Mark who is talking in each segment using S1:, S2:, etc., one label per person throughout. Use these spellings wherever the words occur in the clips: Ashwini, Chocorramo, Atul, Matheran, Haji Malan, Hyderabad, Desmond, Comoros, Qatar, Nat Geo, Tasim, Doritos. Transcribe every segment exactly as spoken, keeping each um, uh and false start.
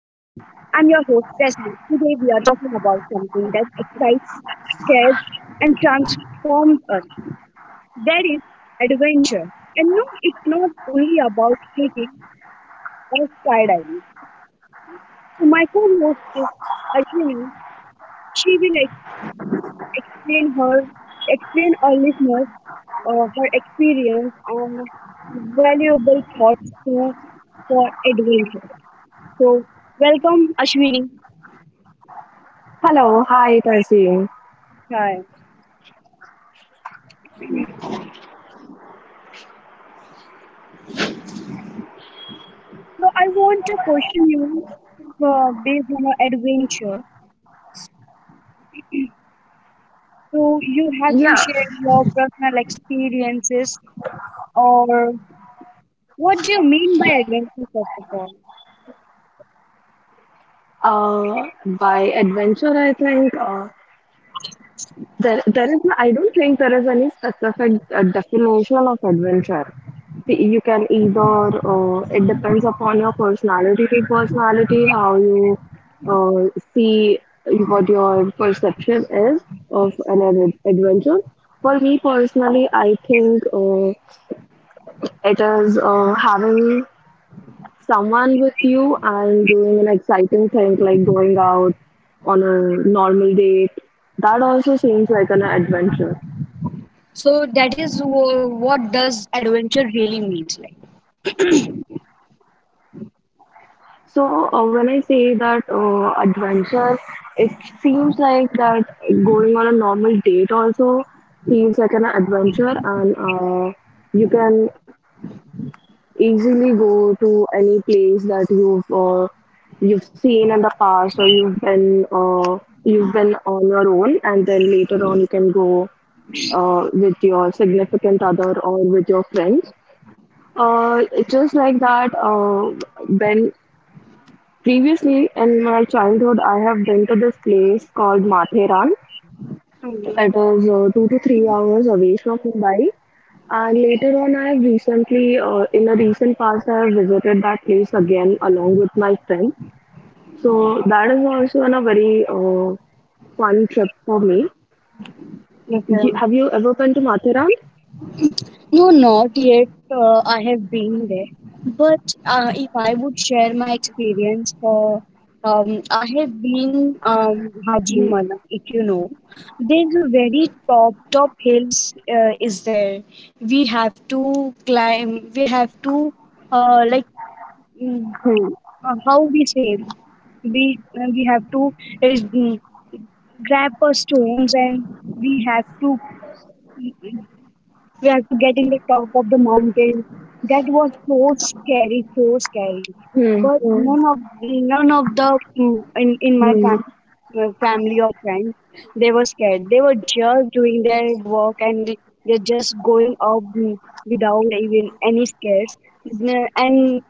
S1: I'm your host, Desmond. Today, we are talking about something that excites, scares, and transforms us. That is adventure. And no, it's not only about hiking or skydiving. So my co-host is Ashwini. She will ex- explain her, Explain our listeners uh, her experience and valuable thoughts to for adventure. So, welcome, Ashwini.
S2: Hello, hi Tasim.
S1: Hi. So, I want to question you uh, based on your adventure. So, you have to
S2: Yeah,
S1: share your personal experiences, or what do you mean by adventure, first of all?
S2: uh, by adventure, I think uh, there there is. No- I don't think there is any specific uh, definition of adventure. See, you can either uh, it depends upon your personality to personality how you uh, see what your perception is of an ad- adventure. For me personally, I think uh, it is uh, having someone with you and doing an exciting thing like going out on a normal date. That also seems like an adventure.
S1: So, that is wh- what does adventure really means, like?
S2: So uh, when I say that uh, adventure, it seems like that going on a normal date also feels like an adventure, and uh, you can easily go to any place that you've uh, you've seen in the past or you've been uh, you've been on your own, and then later on you can go uh, with your significant other or with your friends. Uh, it's just like that, uh, when previously in my childhood, I have been to this place called Matheran. It
S1: Mhm.
S2: is uh, two to three hours away from Mumbai. And later on, I have recently, uh, in a recent past, I have visited that place again along with my friend. So that is also on a very uh, fun trip for me. You-
S1: Okay.
S2: Have you ever been to Matheran?
S1: No, not yet. Uh, I have been there. But uh, if I would share my experience for, um, I have been um,
S2: Hmm.
S1: Haji Mala, if you know. There's a very top, top hills uh, is there. We have to climb, we have to, uh, like, mm,
S2: Hmm.
S1: uh, how we say, we, uh, we have to uh, mm, grab our stones and we have to we have to get in the top of the mountain. That was so scary, so scary.
S2: Hmm.
S1: But none of none of the mm, in in my
S2: Hmm.
S1: fam, uh, family or friends, they were scared. They were just doing their work, and they- they're just going up mm, without even any scares. Mm, And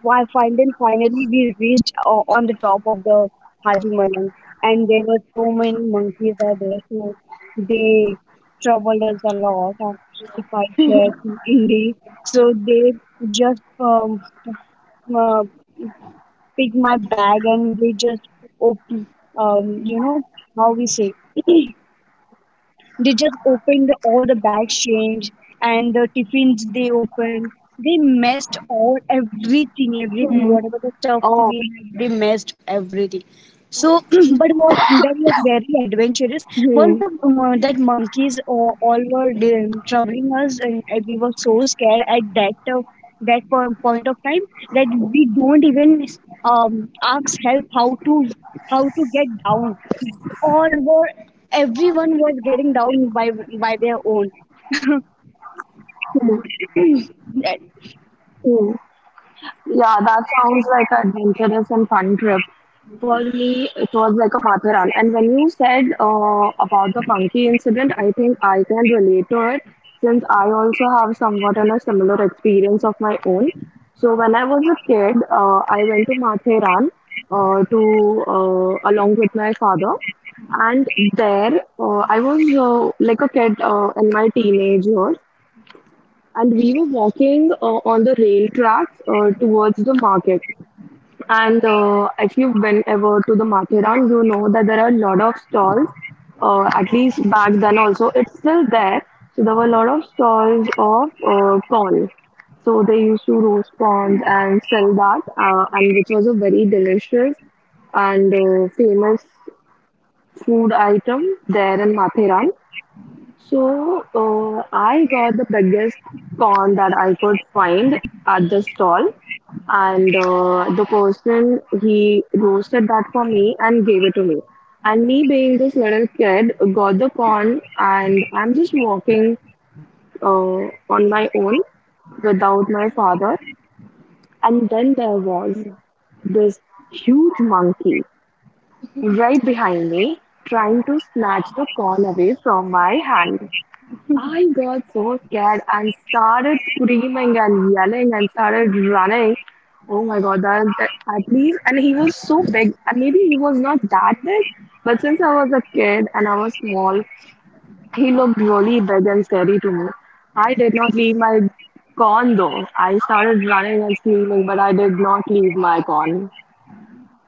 S1: why finally, finally we reached o- on the top of the Haji Malan, and there were so many monkeys are there, so they troubled us a lot, uh, if I share to E D. So they just um, uh, pick my bag and they just open, um, you know, how we say. They just opened all the bags change and the tiffins they opened. They messed all everything, everything,
S2: Hmm.
S1: whatever the stuff
S2: Oh.
S1: we had, they messed everything. So, but what that was very adventurous. Once
S2: hmm,
S1: the uh, that monkeys all, all were um, troubling us, and, and we were so scared at that uh, that po- point of time that we don't even um, ask help how to how to get down. All were everyone was getting down by by their own.
S2: hmm, hmm. Yeah, that sounds like an adventurous and fun trip. For me, it was like a Matharan. And when you said uh, about the monkey incident, I think I can relate to it since I also have somewhat in a similar experience of my own. So when I was a kid, uh, I went to Matharan uh, to uh, along with my father. And there, uh, I was uh, like a kid uh, in my teenage years, and we were walking uh, on the rail tracks uh, towards the market. And uh, if you've been ever to the Mathiran, you know that there are a lot of stalls. Uh, at least back then, also it's still there. So there were a lot of stalls of uh, corn. So they used to roast corn and sell that, uh, and which was a very delicious and uh, famous food item there in Mathiran. So uh, I got the biggest corn that I could find at the stall, and uh, the person he roasted that for me and gave it to me. And me being this little kid, got the corn, and I'm just walking uh, on my own without my father. And then there was this huge monkey right behind me, trying to snatch the corn away from my hand. I got so scared and started screaming and yelling and started running. Oh my god, that, that at least, and he was so big, and maybe he was not that big, but since I was a kid and I was small, he looked really big and scary to me. I did not leave my con though. I started running and screaming, but I did not leave my con.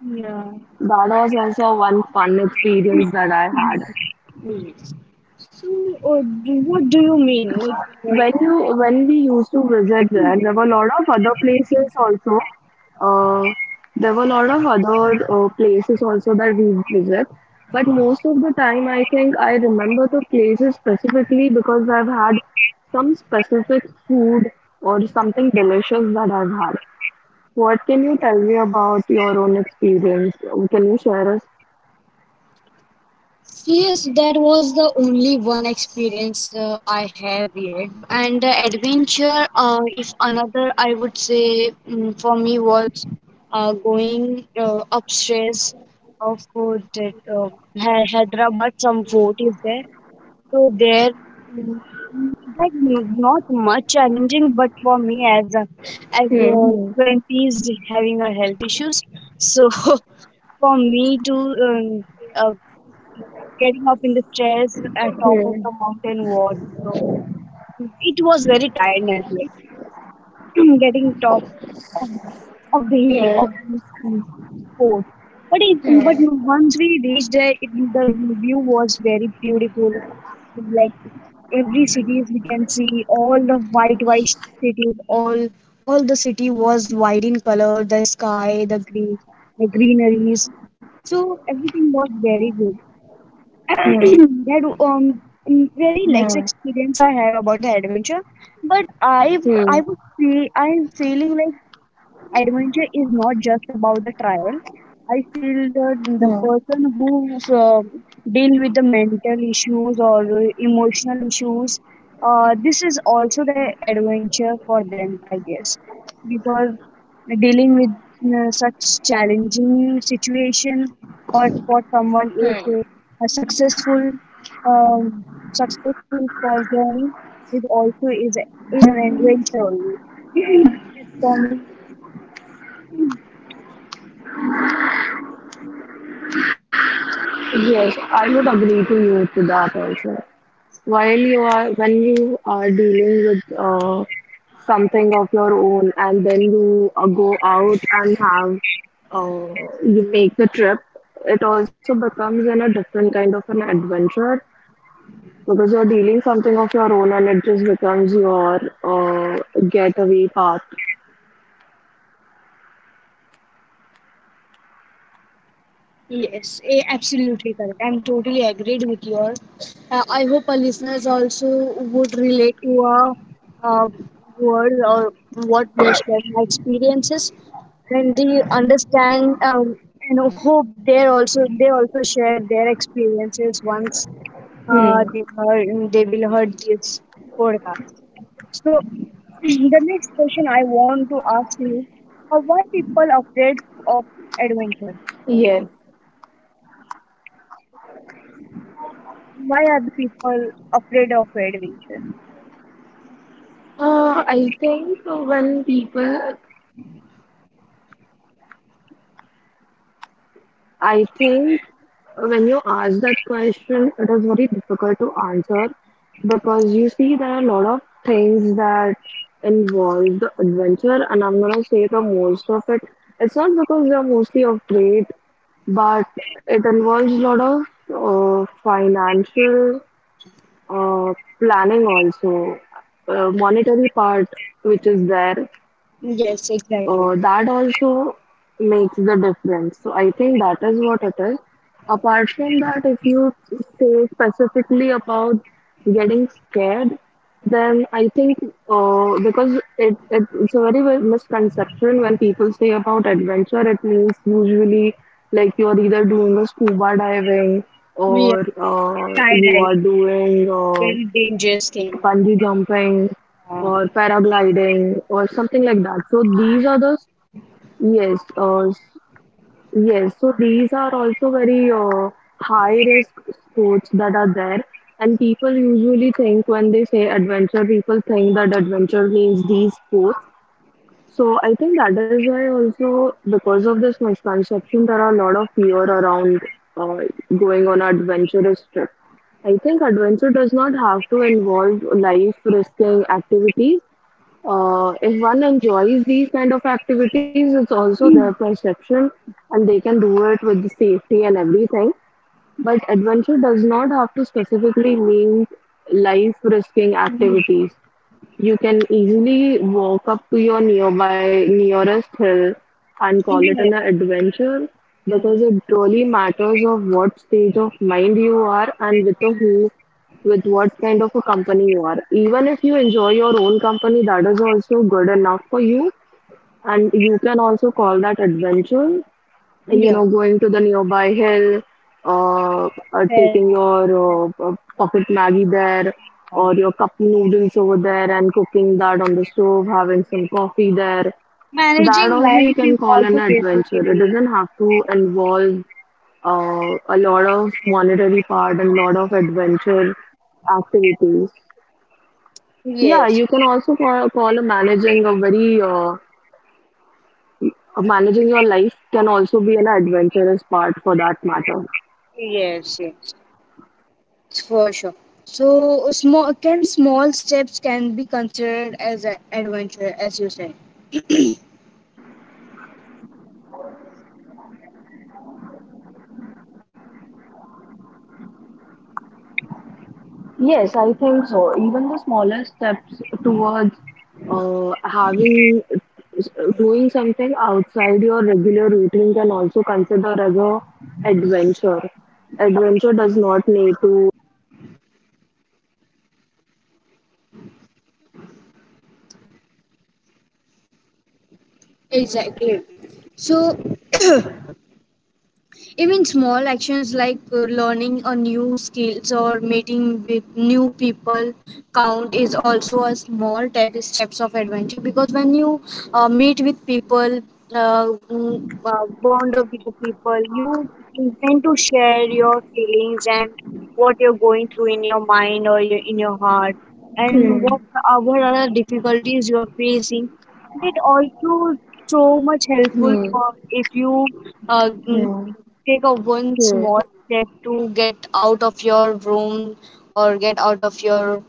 S1: Yeah.
S2: That was also one fun experience that I had.
S1: Yes. So, uh, do- what do you mean? Like,
S2: When
S1: uh,
S2: you when we used to visit there, there were a lot of other places also. Uh, there were a lot of other uh, places also that we visit. But most of the time, I think I remember the places specifically because I've had some specific food or something delicious that I've had. What can you tell me about your own experience? Can you share us?
S1: Yes, that was the only one experience uh, I have yet. And the adventure, uh, if another, I would say mm, for me was uh, going uh, upstairs of uh, that, uh, Hy- Hyderabad, some fort is there. So there, mm, mm, like n- not much challenging, but for me as a, as a
S2: Hmm.
S1: twenties having a health issues, so for me to um, uh, getting up in the stairs at top of the
S2: Hmm.
S1: mountain
S2: Hmm.
S1: was so it was very tiring as well. Getting top of of the hill of the mm,
S2: Hmm.
S1: fort. But it, but no, once we reached there, it, the view was very beautiful. Like every cities we can see all the white, white cities, all all the city was white in color, the sky, the green, the greeneries, so everything was very good. That
S2: Hmm.
S1: um very less experience
S2: Hmm.
S1: I have about the adventure, but I I would
S2: Hmm. Hmm.
S1: say I'm feeling like adventure is not just about the travel. I feel the, the person
S2: Hmm,
S1: who uh, deal with the mental issues or emotional issues, uh, this is also the adventure for them, I guess, because dealing with uh, such challenging situation or for someone is uh,
S2: hmm.
S1: a successful um, successful for journey is also is is an adventure only. For me.
S2: Yes, I would agree to you to that also. While you are When you are dealing with uh, something of your own, and then you uh, go out and have uh, you make the trip, it also becomes in a different kind of an adventure because you're dealing something of your own, and it just becomes your uh, getaway path.
S1: Yes, a- absolutely correct. I'm totally agreed with your. Uh, I hope our listeners also would relate to our uh, words or what we are sharing our experiences, and they understand, um, and hope they also they also share their experiences once, uh,
S2: Hmm.
S1: they heard they will heard this podcast. So the next question I want to ask you: uh, Why people afraid of adventure?
S2: Yes.
S1: Why are the people afraid of adventure?
S2: Uh, I think uh, when people I think When you ask that question, it is very difficult to answer because you see there are a lot of things that involve the adventure, and I'm gonna say the most of it. It's not because they're mostly afraid, but it involves a lot of uh, financial uh, planning also, uh, monetary part which is there,
S1: Yes, exactly.
S2: uh, that also makes the difference. So I think that is what it is. Apart from that, if you say specifically about getting scared, then I think uh, because it, it it's a very well- misconception when people say about adventure, it means usually like you're either doing a scuba diving or
S1: Yeah,
S2: uh, you
S1: skydiving,
S2: are doing uh,
S1: very dangerous thing.
S2: bungee jumping or paragliding or something like that. So these are the Yes, uh, s- yes. So these are also very uh, high risk sports that are there. And people usually think when they say adventure, people think that adventure means these sports. So I think that is why also because of this misconception, there are a lot of fear around uh, going on adventurous trip. I think adventure does not have to involve life risking activities. Uh, if one enjoys these kind of activities, it's also their perception and they can do it with the safety and everything. But adventure does not have to specifically mean life risking activities. You can easily walk up to your nearby nearest hill and call it
S1: Yes,
S2: an adventure because
S1: yes.
S2: it really matters of what stage of mind you are and with a who with what kind of a company you are. Even if you enjoy your own company, that is also good enough for you and you can also call that adventure, you
S1: Yeah.
S2: know, going to the nearby hill, uh, uh, taking
S1: Very
S2: your uh, uh, pocket Maggie there or
S1: wrong.
S2: your cup noodles over there and cooking that on the stove, having some coffee there. That
S1: Managing
S2: also you
S1: life is
S2: can call
S1: also
S2: an adventure. It
S1: basically.
S2: doesn't have to involve uh, a lot of monetary part and lot of adventure activities. Yeah,
S1: Yes,
S2: you can also call, call a managing a very uh, a managing your life can also be an adventurous part for that matter.
S1: yes, yes, it's for sure. So small, can small steps can be considered as an adventure, as you said.
S2: Yes, I think so. Even the smaller steps towards uh, having doing something outside your regular routine can also consider as a adventure. Adventure does not need to
S1: Exactly. So even small actions like uh, learning a new skills or meeting with new people count is also a small type steps of adventure, because when you uh, meet with people, uh, mm, uh, bond up with the people, you tend to share your feelings and what you're going through in your mind or your, in your heart, and what
S2: Hmm.
S1: are- what other difficulties you are facing. It also so much helpful
S2: Hmm.
S1: for if you uh,
S2: Hmm.
S1: take a one
S2: Hmm,
S1: small step to get out of your room or get out of your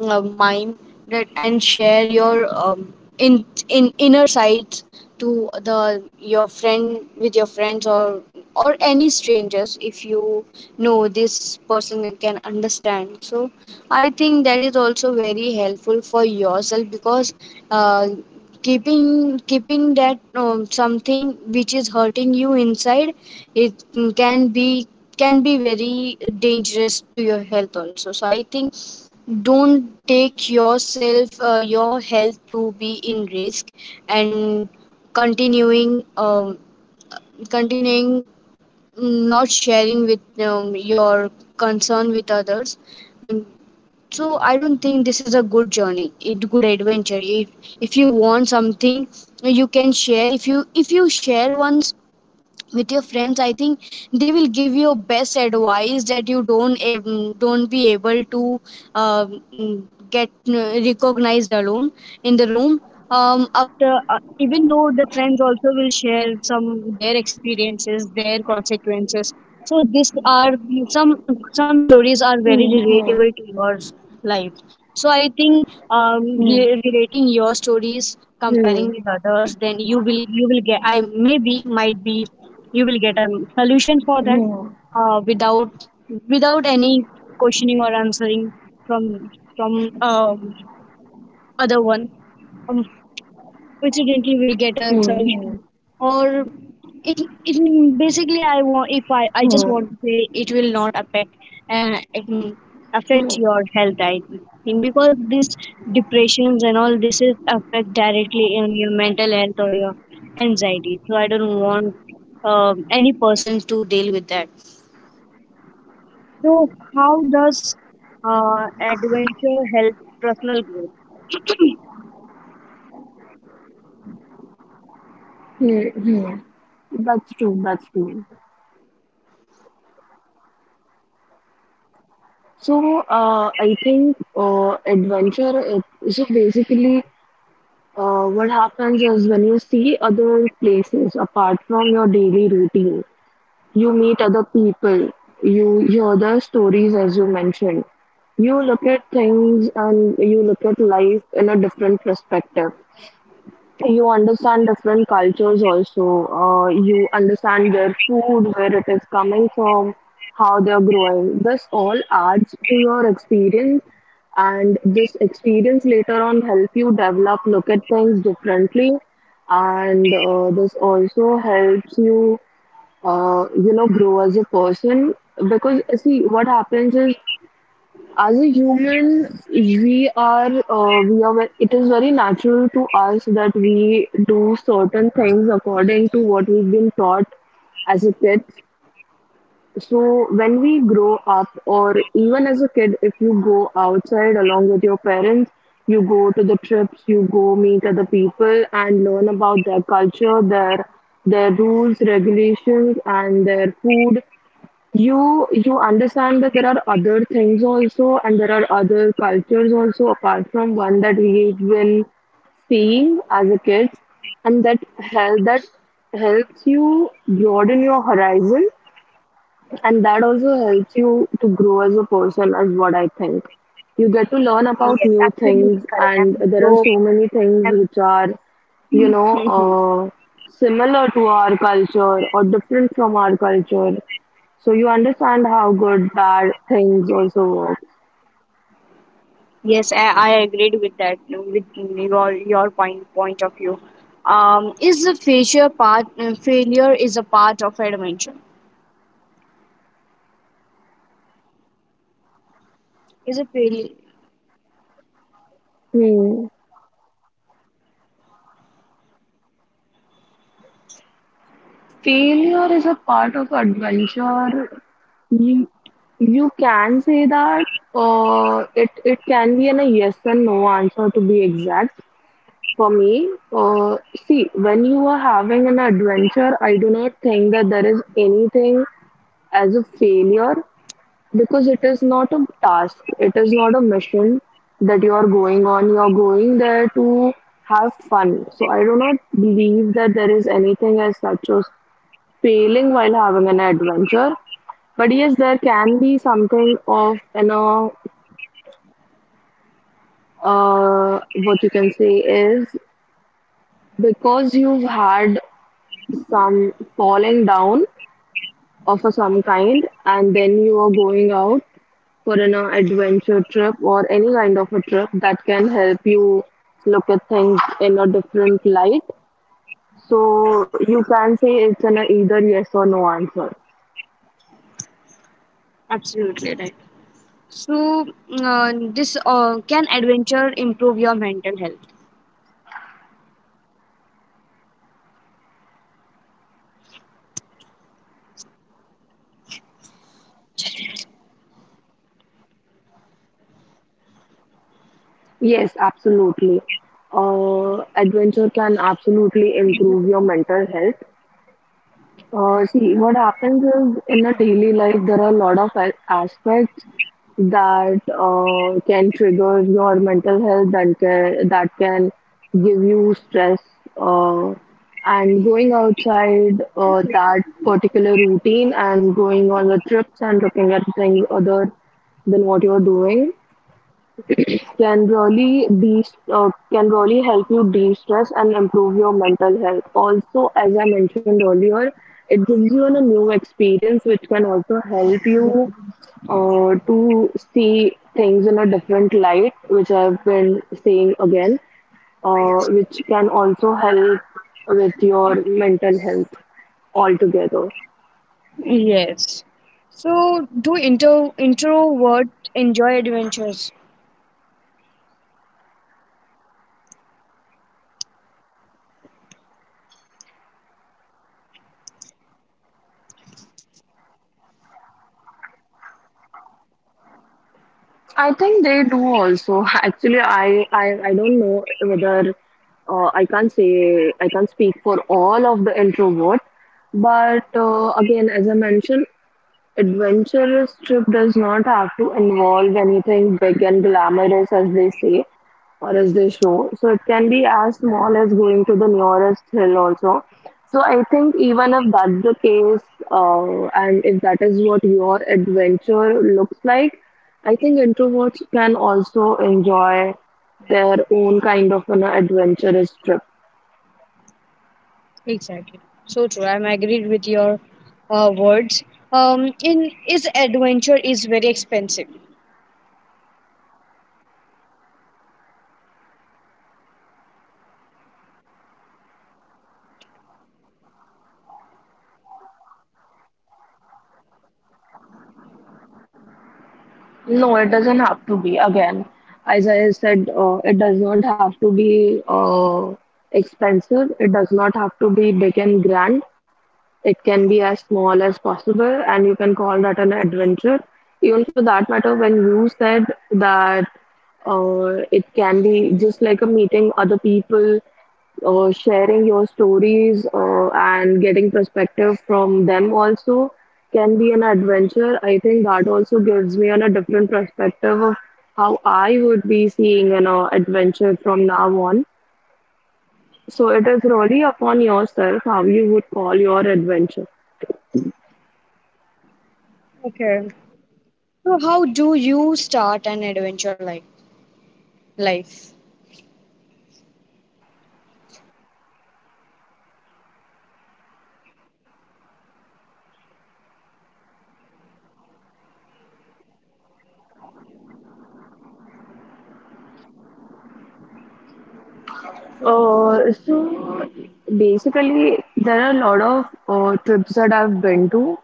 S1: uh, mind, that, and share your um, in in inner sights to the your friend with your friends or or any strangers, if you know this person can understand. So I think that is also very helpful for yourself, because uh, keeping keeping that, um, something which is hurting you inside, it can be, can be very dangerous to your health also. So I think don't take yourself, uh, your health to be in risk, and continuing, um, continuing not sharing with, um, your concern with others. And so I don't think this is a good journey, a good adventure. if, if you want something, you can share. If you if you share once with your friends, I think they will give you best advice that you don't ab- don't be able to uh, mm, get uh, recognized alone in the room, um, after, uh, even though the friends also will share some their experiences, their consequences. So these are some some stories are very
S2: hmm.
S1: relatable to your life. So I think, um,
S2: Hmm.
S1: re- relating your stories, comparing
S2: Hmm.
S1: with others, then you will, you will get, I maybe might be, you will get a solution for that,
S2: Hmm, hmm.
S1: uh, without without any questioning or answering from from um, other one. Um, coincidentally will get a
S2: Hmm.
S1: solution
S2: Hmm.
S1: or it, it basically, I want, if i i just want
S2: Hmm.
S1: to say it will not affect, uh, it will affect
S2: Hmm.
S1: your health, I think, because this depressions and all this is affect directly in your mental health or your anxiety. So I don't want um any person to deal with that. So how does uh, adventure help personal growth?
S2: Hmm. Hmm. That's true. That's true. So, uh, I think uh, adventure. It, so basically, uh, what happens is when you see other places apart from your daily routine, you meet other people, you hear their stories, as you mentioned. You look at things and you look at life in a different perspective, you understand different cultures also. Uh, you understand their food, where it is coming from, how they are growing. This all adds to your experience, and this experience later on help you develop, look at things differently, and uh, this also helps you, uh, you know, grow as a person. Because see what happens is, as a human we are uh, we are ve- it is very natural to us that we do certain things according to what we've been taught as a kid. So when we grow up, or even as a kid, if you go outside along with your parents, you go to the trips, you go meet other people and learn about their culture, their their rules regulations and their food, you you understand that there are other things also, and there are other cultures also apart from one that we've been seeing as a kid. And that help that helps you broaden your horizon, and that also helps you to grow as a person is what I think. You get to learn
S1: Yes,
S2: about new
S1: absolutely
S2: things,
S1: correct. i'm
S2: and
S1: so
S2: there are so many things which are, you know,
S1: I'm,
S2: uh, similar to our culture or different from our culture, so you understand how good bad things also work.
S1: yes, I, I agreed with that, with your, your point point of view. Um, is a failure part, uh, failure is a part of adventure? Is a failure
S2: Hmm. Failure is a part of adventure. You, you can say that uh, it it can be an a yes and no answer to be exact. For me, uh, see, when you are having an adventure, I do not think that there is anything as a failure, because it is not a task, it is not a mission that you are going on. You are going there to have fun, so I do not believe that there is anything as such as failing while having an adventure. But yes, there can be something of, you know, uh, what you can say is, because you've had some falling down of a some kind, and then you are going out for an uh, adventure trip or any kind of a trip that can help you look at things in a different light. So you can say it's an uh, either yes or no answer.
S1: absolutely right? So uh, this uh, can adventure improve your mental health?
S2: Yes, absolutely. Uh, adventure can absolutely improve your mental health. Uh, see, what happens is in a daily life, there are a lot of a- aspects that uh, can trigger your mental health, that can, that can give you stress uh, and going outside uh, that particular routine and going on the trips and looking at things other than what you're doing can really be, uh, can really help you de-stress and improve your mental health. Also, as I mentioned earlier, it gives you a new experience, which can also help you uh, to see things in a different light, which I've been saying again, uh, which can also help with your mental health altogether.
S1: Yes. So do intro introvert enjoy adventures?
S2: I think they do also. Actually, I, I, I don't know whether uh, I can't say, I can't speak for all of the introvert, but uh, again, as I mentioned, adventurous trip does not have to involve anything big and glamorous, as they say or as they show. So it can be as small as going to the nearest hill also. So I think even if that's the case, uh, and if that is what your adventure looks like, I think introverts can also enjoy their own kind of an adventurous trip.
S1: Exactly. So true. I'm agreed with your uh, words. Um, in Is adventure is very expensive.
S2: No, it doesn't have to be. Again, as I said, uh, it does not have to be uh, expensive. It does not have to be big and grand. It can be as small as possible, and you can call that an adventure. Even for that matter, when you said that uh, it can be just like a meeting other people, uh, sharing your stories uh, and getting perspective from them also can be an adventure. I think that also gives me on a different perspective of how I would be seeing an uh, adventure from now on. So it is really upon yourself how you would call your adventure.
S1: Okay. So how do you start an adventure like life?
S2: Uh, so basically, there are a lot of uh, trips that I've been to.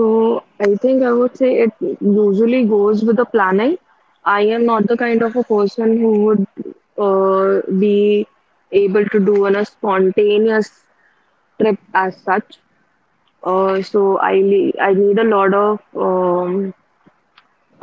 S2: So I think I would say it usually goes with the planning. I am not the kind of a person who would uh, be able to do on a spontaneous trip as such. Uh, so I le- I need a lot of um,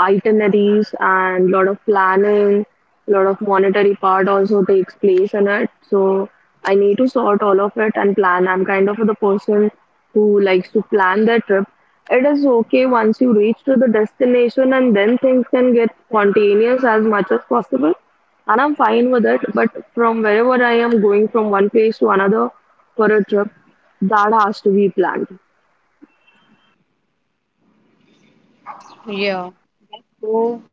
S2: itineraries and lot of planning, lot of monetary part also takes place in it. So I need to sort all of it and plan. I'm kind of the person who likes to plan their trip. It is okay once you reach to the destination, and then things can get spontaneous as much as possible. And I'm fine with it. But from wherever I am going from one place to another for a trip, that has to be planned.
S1: Yeah, so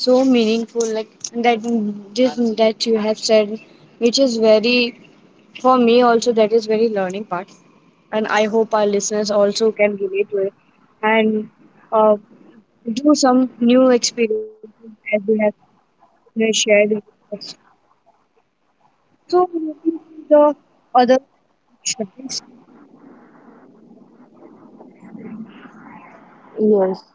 S1: so meaningful. Like that, this that you have said, which is very for me also. That is very learning part, and I hope our listeners also can relate to it and uh, do some new experiences as you have you shared with us. So moving to the other questions.
S2: Yes.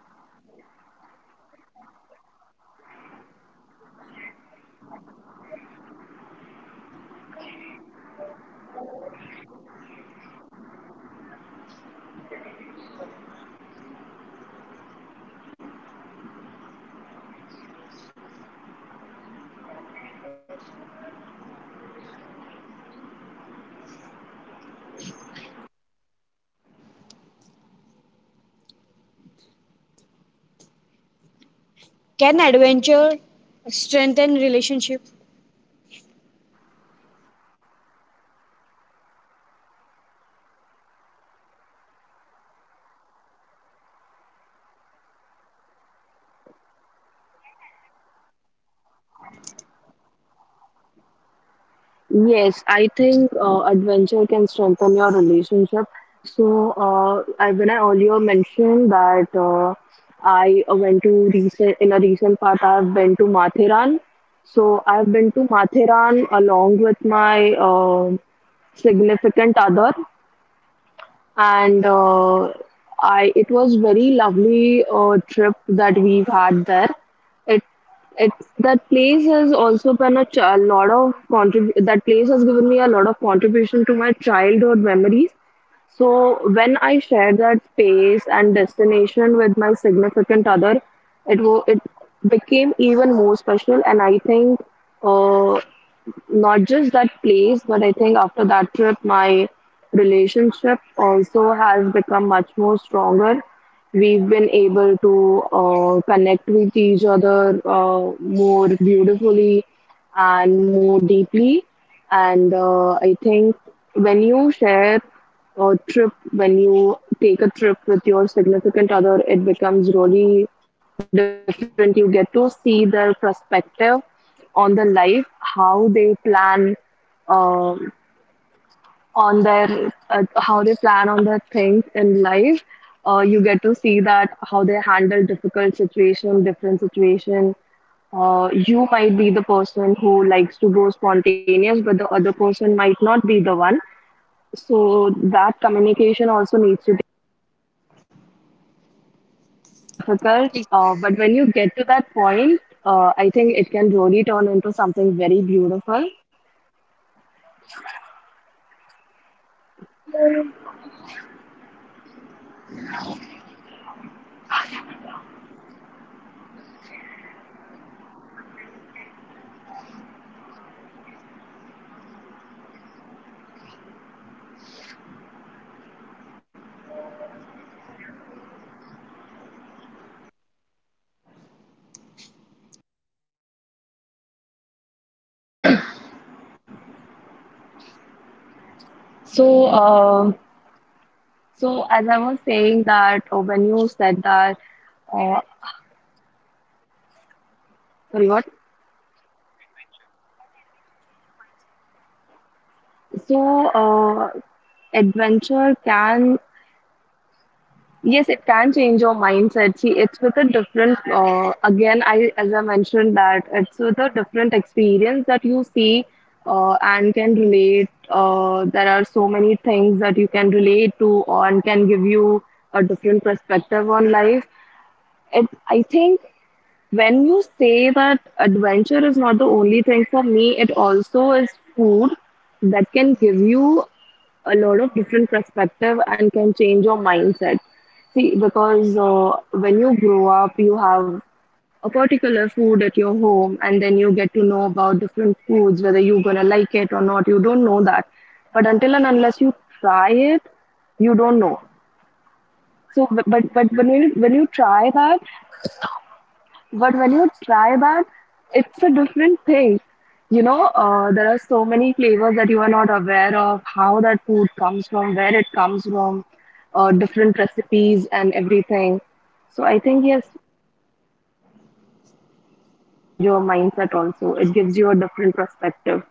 S1: Can adventure strengthen relationship?
S2: Yes, I think uh, adventure can strengthen your relationship. So, uh, I, when I earlier mentioned that uh, I uh, went to recent in a recent part, I've been to Mathiran. So, I've been to Mathiran along with my um significant other, and uh, I, it was very lovely uh, trip that we've had there. It it that place has also been a, ch- a lot of contrib- that place has given me a lot of contribution to my childhood memories. So when I shared that space and destination with my significant other, it wo- it became even more special, and I think. Uh, Not just that place, but I think after that trip, my relationship also has become much more stronger. We've been able to uh, connect with each other uh, more beautifully and more deeply. And uh, I think when you share a trip, when you take a trip with your significant other, it becomes really different. You get to see their perspective on the life, how they plan um, on their uh, how they plan on their things in life. Uh, you get to see that how they handle difficult situation, different situation. Uh, you might be the person who likes to go spontaneous, but the other person might not be the one. So that communication also needs to be difficult. Uh, but when you get to that point, uh, I think it can really turn into something very beautiful.
S1: So
S2: So, uh, so as I was saying that uh, when you said that Uh, sorry, what? So, uh, Adventure can, yes, it can change your mindset. See, it's with a different, uh, again, I, as I mentioned, that it's with a different experience that you see, uh, and can relate. Uh, there are so many things that you can relate to and can give you a different perspective on life. It, I think when you say that adventure is not the only thing for me, it also is food that can give you a lot of different perspective and can change your mindset. See, because uh, when you grow up, you have a particular food at your home, and then you get to know about different foods, whether you're gonna like it or not. You don't know that, but until and unless you try it, you don't know. So, but but when you when you try that, but when you try that, it's a different thing. You know, uh, there are so many flavors that you are not aware of, how that food comes from, where it comes from, uh, different recipes and everything. So I think, yes, change your mindset also. It gives you a different perspective.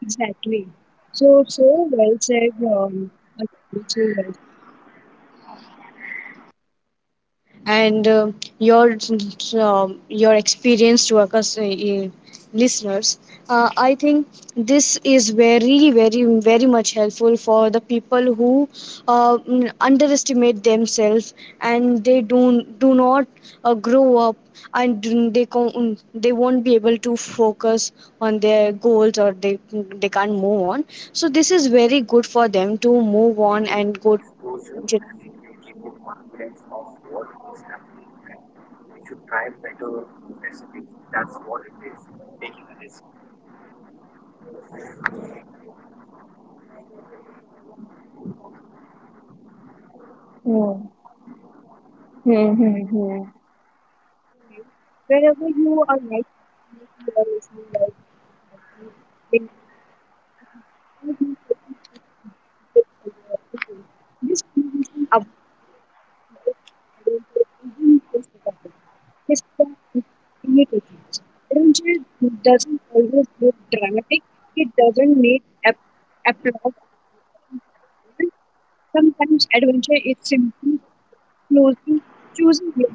S1: exactly. So so well said. Um, Atul, so well, and um your um, your experienced workers, uh, uh, listeners, uh, I think this is very, very, very much helpful for the people who uh, mm, underestimate themselves and they do do not uh, grow up and do- they con- they won't be able to focus on their goals, or they they can't move on. So this is very good for them to move on and go to
S2: Hmm. Hmm. Hmm. Hmm.
S1: wherever you are right now. If you are listening live, then you will be taking this for your own. This conversation about this adventure isn't just a topic. It's the creativity. Adventure doesn't always look dramatic. It doesn't need ap- applause. Sometimes adventure is simply closing, choosing your